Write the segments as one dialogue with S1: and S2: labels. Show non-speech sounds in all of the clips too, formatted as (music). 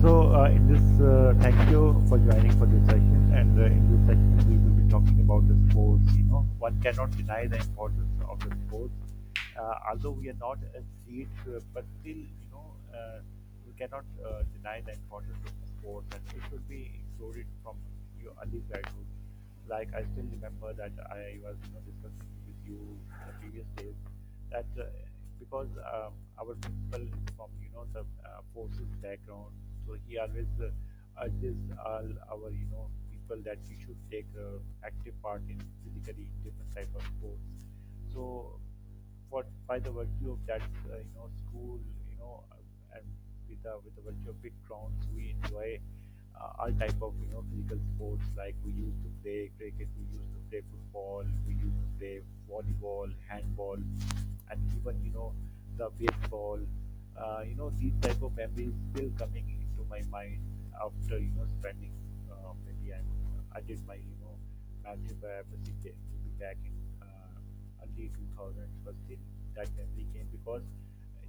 S1: So in thank you for joining for this session. And in this session, we will be talking about the sports. You know, one cannot deny the importance of the sports. Although we are not athletes, but still, you know, we cannot deny the importance of sports, and it should be included from your early childhood. Like I still remember that I was discussing with you the previous days that because our principal is from the forces background, so he always urges all our people that we should take active part in physically different type of sports. So what by the virtue of that school and with the virtue of big grounds we enjoy all type of physical sports like we used to play cricket, we used to play football, we used to play volleyball, handball, and even the baseball. These type of memories still coming into my mind after spending maybe I did my magic by to be back in early 2000s was in that memory game because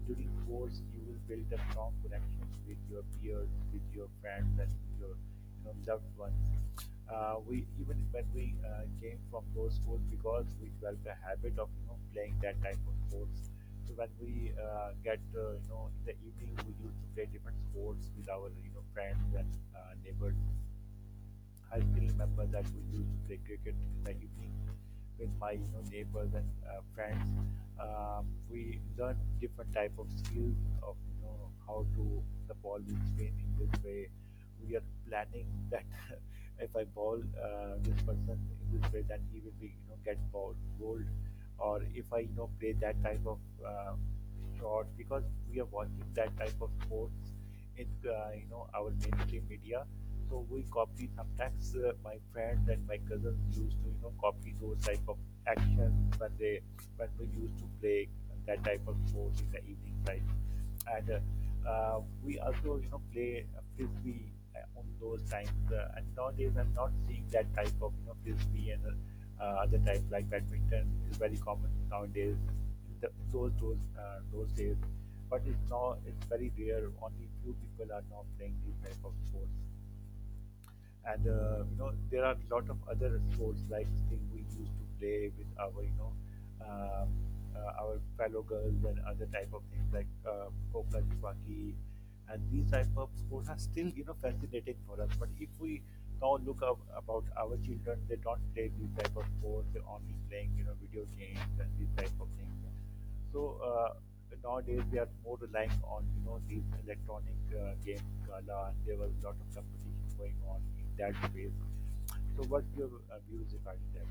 S1: during sports you will build a strong connection with your peers, with your friends, and with your loved ones. We even when we came from those sports because we developed a habit of playing that type of sports. So when we get in the evening, we used to play different sports with our friends and neighbors. I still remember that we used to play cricket in the evening with my neighbors and friends. We learned different type of skills of how to the ball will spin in this way. We are planning that (laughs) if I ball this person in this way, then he will be get bowled, or if I play that type of uh, shot because we are watching that type of sports in our mainstream media, so we copy sometimes my friends and my cousins used to copy those type of actions when they when we used to play that type of sport in the evening time, and we also play frisbee on those times, and nowadays I'm not seeing that type of frisbee and other type like badminton is very common nowadays in the, those days, but it's now it's very rare, only few people are now playing these type of sports. And there are a lot of other sports like thing we used to play with our um, our fellow girls and other type of things like Kokla Chupaki, and these type of sports are still fascinating for us. But if we now look up about our children, they don't play these type of sports, they're only playing video games and these type of things. So nowadays we are more relying on these electronic game gala, and there was a lot of competition going on in that space. So what's your views regarding that?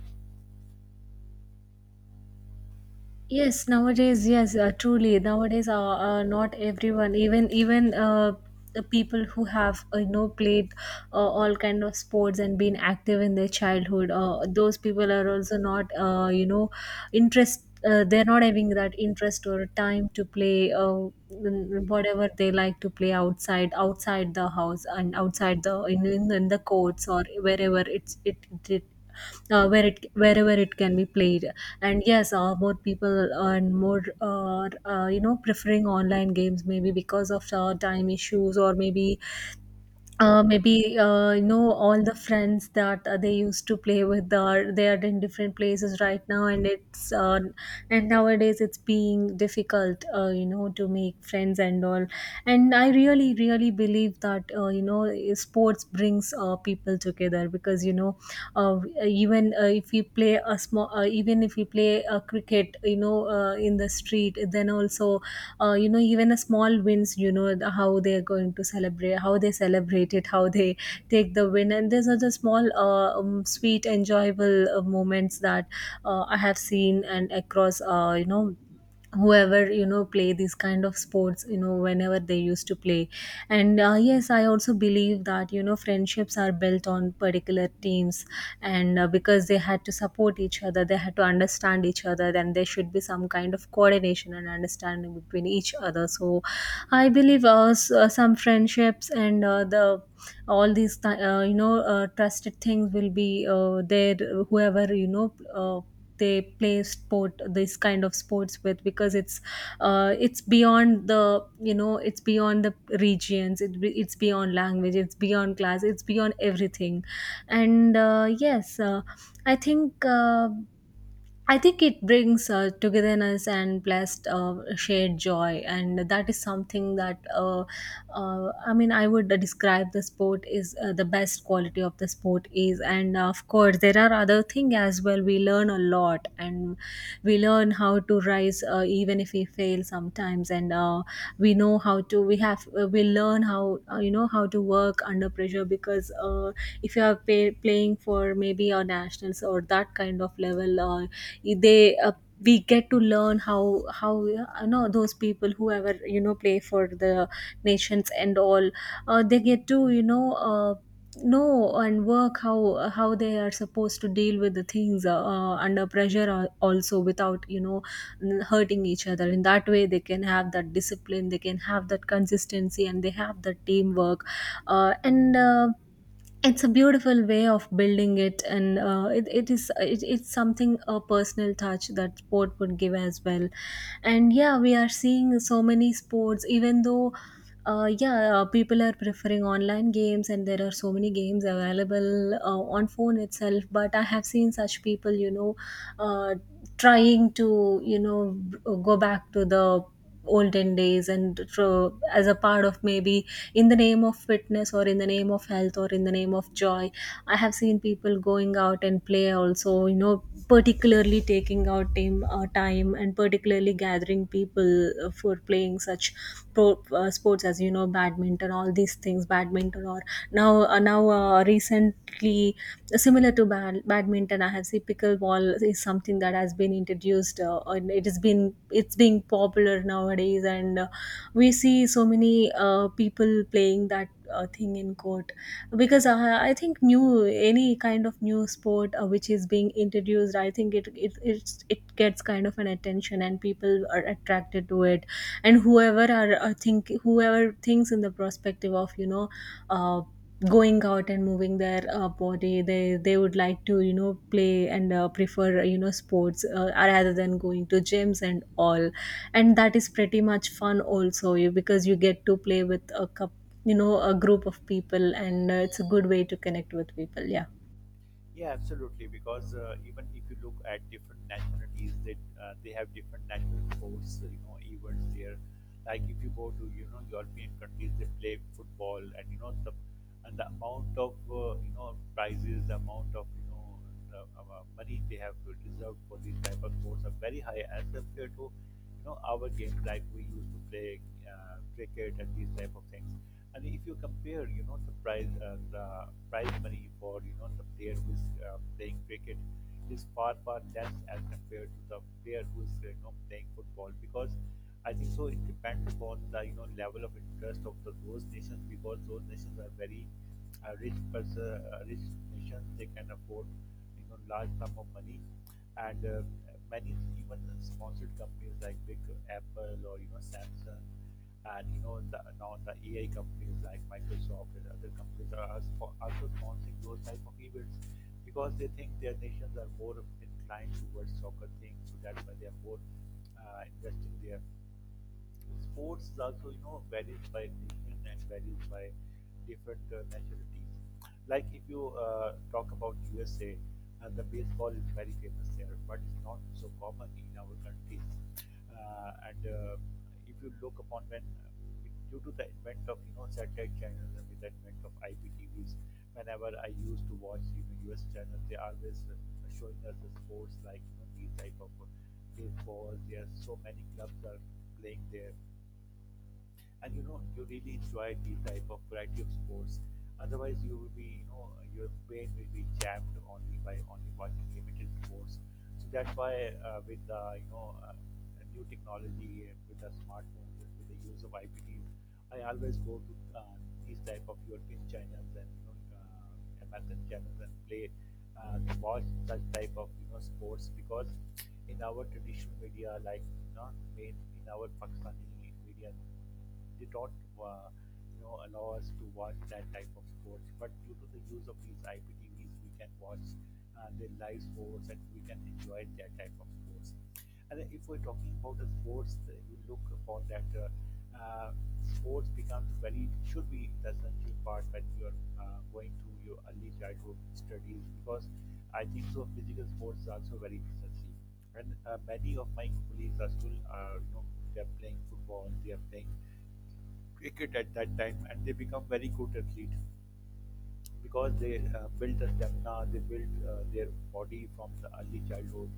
S2: Yes, nowadays, yes, truly, nowadays, not everyone, even even the people who have played all kind of sports and been active in their childhood. Those people are also not interest. They're not having that interest or time to play whatever they like to play outside the house and outside the in the courts or wherever it wherever it can be played. And yes, more people and more preferring online games, maybe because of time issues, or maybe all the friends that they used to play with are, they are in different places right now, and it's and nowadays it's being difficult to make friends and all. And I really believe that sports brings people together, because even even if we play a small even if we play a cricket, in the street, then also even a small wins, how they are going to celebrate, how they celebrate it, how they take the win. And these are the small sweet enjoyable moments that I have seen, and across whoever play these kind of sports, whenever they used to play. And yes, I also believe that friendships are built on particular teams, and because they had to support each other, they had to understand each other, then there should be some kind of coordination and understanding between each other. So I believe some friendships and the trusted things will be there, whoever they play sport, this kind of sports with, because it's beyond the it's beyond the regions, it's beyond language, it's beyond class, it's beyond everything. And yes, i think uh, I think it brings togetherness and blessed shared joy, and that is something that I mean, I would describe the sport is the best quality of the sport is, and of course there are other things as well. We learn a lot, and we learn how to rise even if we fail sometimes. And we have we learn how how to work under pressure, because or if you are playing for maybe our nationals or that kind of level, or they we get to learn how, those people, whoever play for the nations and all, they get to uh, know and work how they are supposed to deal with the things under pressure, also without hurting each other. In that way they can have that discipline, they can have that consistency, and they have that teamwork. And It's a beautiful way of building it, and it's something, a personal touch that sport would give as well. And yeah, we are seeing so many sports, even though yeah people are preferring online games, and there are so many games available on phone itself. But I have seen such people, uh, trying to go back to the olden days, and as a part of maybe, in the name of fitness, or in the name of health, or in the name of joy, I have seen people going out and play also, particularly taking out time, and particularly gathering people for playing such sports as badminton, all these things, badminton, or now now recently. Similar to badminton, I have seen pickleball is something that has been introduced, and it has been, it's being popular nowadays. And we see so many people playing that thing in court, because I think new, any kind of new sport which is being introduced, I think it gets kind of an attention and people are attracted to it. And whoever are think whoever thinks in the perspective of Uh, going out and moving their body, they would like to play, and prefer sports rather than going to gyms and all. And that is pretty much fun also, you, because you get to play with a cup, a group of people, and it's a good way to connect with people. Yeah.
S1: Yeah, absolutely. Because even if you look at different nationalities, that they have different national sports, so, you know, events there. Like if you go to European countries, they play football, and the amount of prizes, the amount of money they have reserved for these type of sports are very high as compared to our games like we used to play cricket and these type of things. And if you compare, you know, the prize money for the player who is playing cricket is far far less as compared to the player who is playing football, because I think so it depends upon the level of interest of those nations, because those nations are very rich nations, they can afford large sum of money. And many even sponsored companies like big Apple or Samsung and you know the now the AI companies like Microsoft and other companies are also sponsoring those type of events, because they think their nations are more inclined towards soccer thing, so that's why they are more investing there. Sports is also, you know, varies by region and varies by different nationalities. Like if you talk about USA, the baseball is very famous there, but it's not so common in our countries. And If you look upon due to the advent of satellite channels and with the advent of IPTVs, whenever I used to watch US channels, they always showing us the sports like these type of baseball. There are so many clubs are playing there, and you know you really enjoy the type of variety of sports. Otherwise, you will be your brain will be jammed only by only watching limited sports. So that's why with you know new technology and with the smartphones and with the use of IPTs, I always go to these type of European channels and American channels and play watch such type of sports, because in our traditional media, like not in, in our Pakistani media, they don't uh, allow us to watch that type of sports. But due to the use of these IPT V's, we can watch the live sports and we can enjoy that type of sports. And then if we're talking about the sports, you look upon that. Uh, Sports becomes very should be the essential part when you are going through your early childhood studies, because I think so physical sports is also very necessary. And many of my colleagues are still, they're playing football, they're playing cricket at that time, and they become very good athletes, because they built a stamina, they built their body from the early childhood.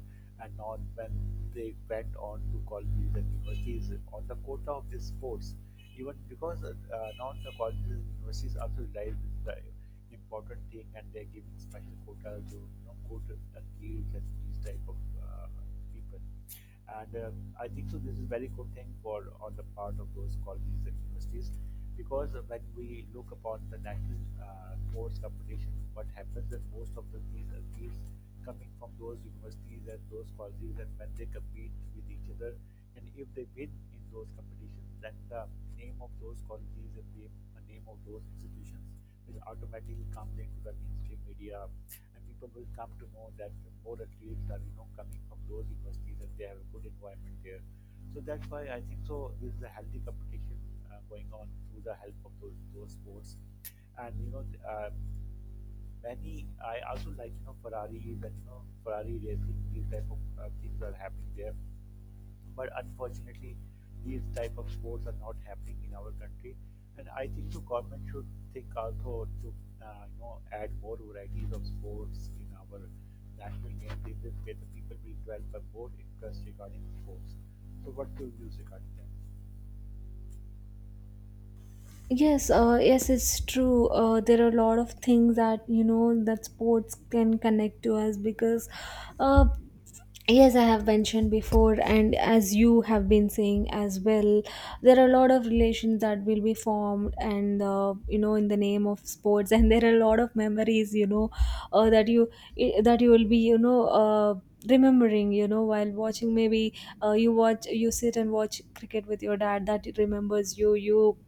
S1: And now when they went on to colleges and universities on the quota of the sports, even because now the colleges and universities also realize the important thing, and they're giving special quotas to quota athletes and these type of uh, people. And I think so. This is very good thing for on the part of those colleges and universities, because when we look upon the national sports competition, what happens is most of the these athletes coming from those universities and those colleges, and when they compete with each other, and if they win in those competitions, then the name of those colleges and the name of those institutions will automatically come into the mainstream media, and people will come to know that more athletes are coming from those universities and they have a good environment there. So that's why I think so. There is a healthy competition going on through the help of those sports. And you know, many. I also like you know Ferrari and you know Ferrari racing. These type of things are happening there, but unfortunately, these type of sports are not happening in our country. And I think the government should think also to add more varieties of sports in our national game. In this way, the people will develop a more interest regarding sports. So, what do you use regarding that?
S2: Yes, yes, it's true. There are a lot of things that that sports can connect to us, because uh, yes, I have mentioned before, and as you have been saying as well, there are a lot of relations that will be formed, and in the name of sports, (laughs) and there are a lot of memories, that that you will be, remembering, while watching maybe you watch, you sit and watch cricket with your dad, that remembers you.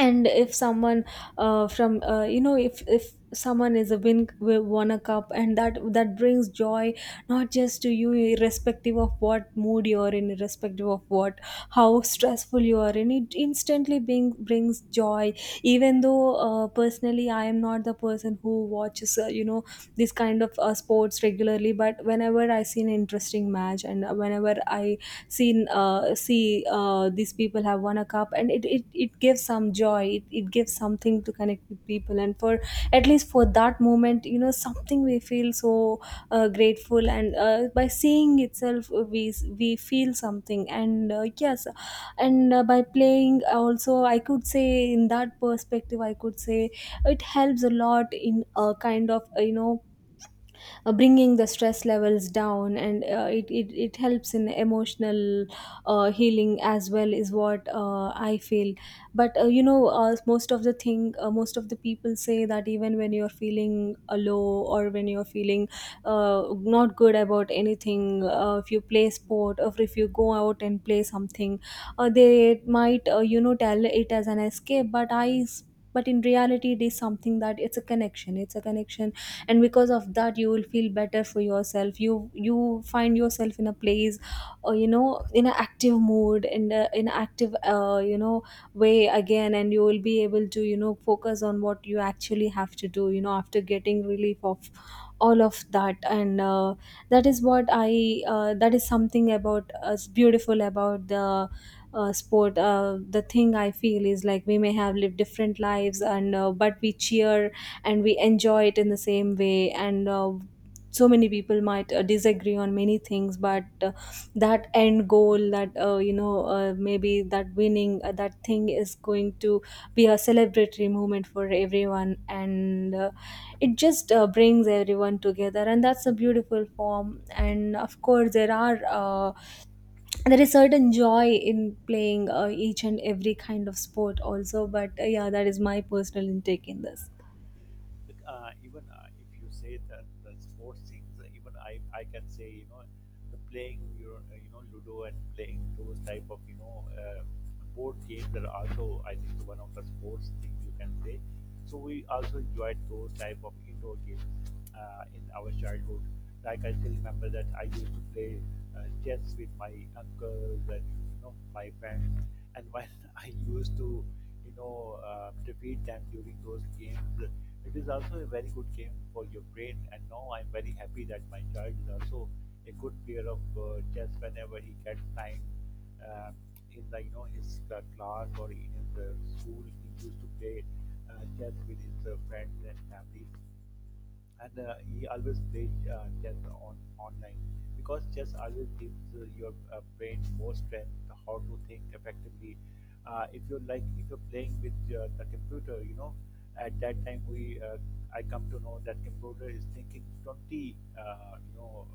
S2: And if someone from if someone is a won a cup, and that brings joy, not just to you, irrespective of what mood you are in, irrespective of what, how stressful you are in, it instantly brings joy. Even though personally I am not the person who watches this kind of sports regularly, but whenever I see an interesting match, and whenever I see these people have won a cup, and it gives some joy, it gives something to connect with people, and for at least for that moment, something we feel so grateful. And by seeing itself we feel something. And yes, and by playing also, I could say, in that perspective I could say it helps a lot in a kind of bringing the stress levels down, and it helps in emotional healing as well is what I feel. But most of the thing, most of the people say that even when you're feeling low, or when you're feeling not good about anything, if you play sport, or if you go out and play something, they might tell it as an escape, but but in reality it is something that, it's a connection, it's a connection, and because of that you will feel better for yourself. You find yourself in a place, in an active mood, in an active way again, and you will be able to focus on what you actually have to do, after getting relief of all of that. And that is something about us, beautiful about the sport. The thing I feel is like, we may have lived different lives, and but we cheer and we enjoy it in the same way. And so many people might disagree on many things, but that end goal that maybe that winning that thing is going to be a celebratory moment for everyone. And it just brings everyone together, and that's a beautiful form. And of course there is certain joy in playing each and every kind of sport also. But yeah, that is my personal intake in this.
S1: Even if you say that the sports things, even I can say you know the playing your ludo and playing those type of board games are also I think one of the sports things you can say. So we also enjoyed those type of indoor games in our childhood. Like I still remember that I used to play chess with my uncles and my friends, and when (laughs) I used to defeat them during those games. It is also a very good game for your brain, and now I'm very happy that my child is also a good player of chess. Whenever he gets time uh, in the his class or in his school, he used to play chess with his friends and family. And he always plays chess on online, because chess always gives your brain more strength how to think effectively. If you're like if you're playing with the computer, you know at that time we I come to know that computer is thinking 20 uh, you know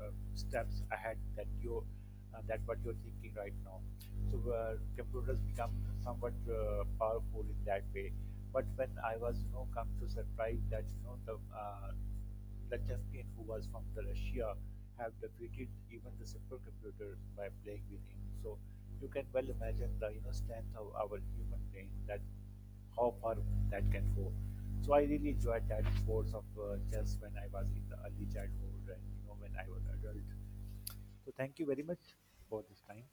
S1: uh, steps ahead that you that what you're thinking right now. So computers become somewhat powerful in that way. But when I was you know come to surprise that the champion who was from the Russia have defeated even the supercomputer by playing with him. So you can well imagine the strength of our human brain, that how far that can go. So I really enjoyed that sports of chess when I was in the early childhood and when I was adult. So thank you very much for this time.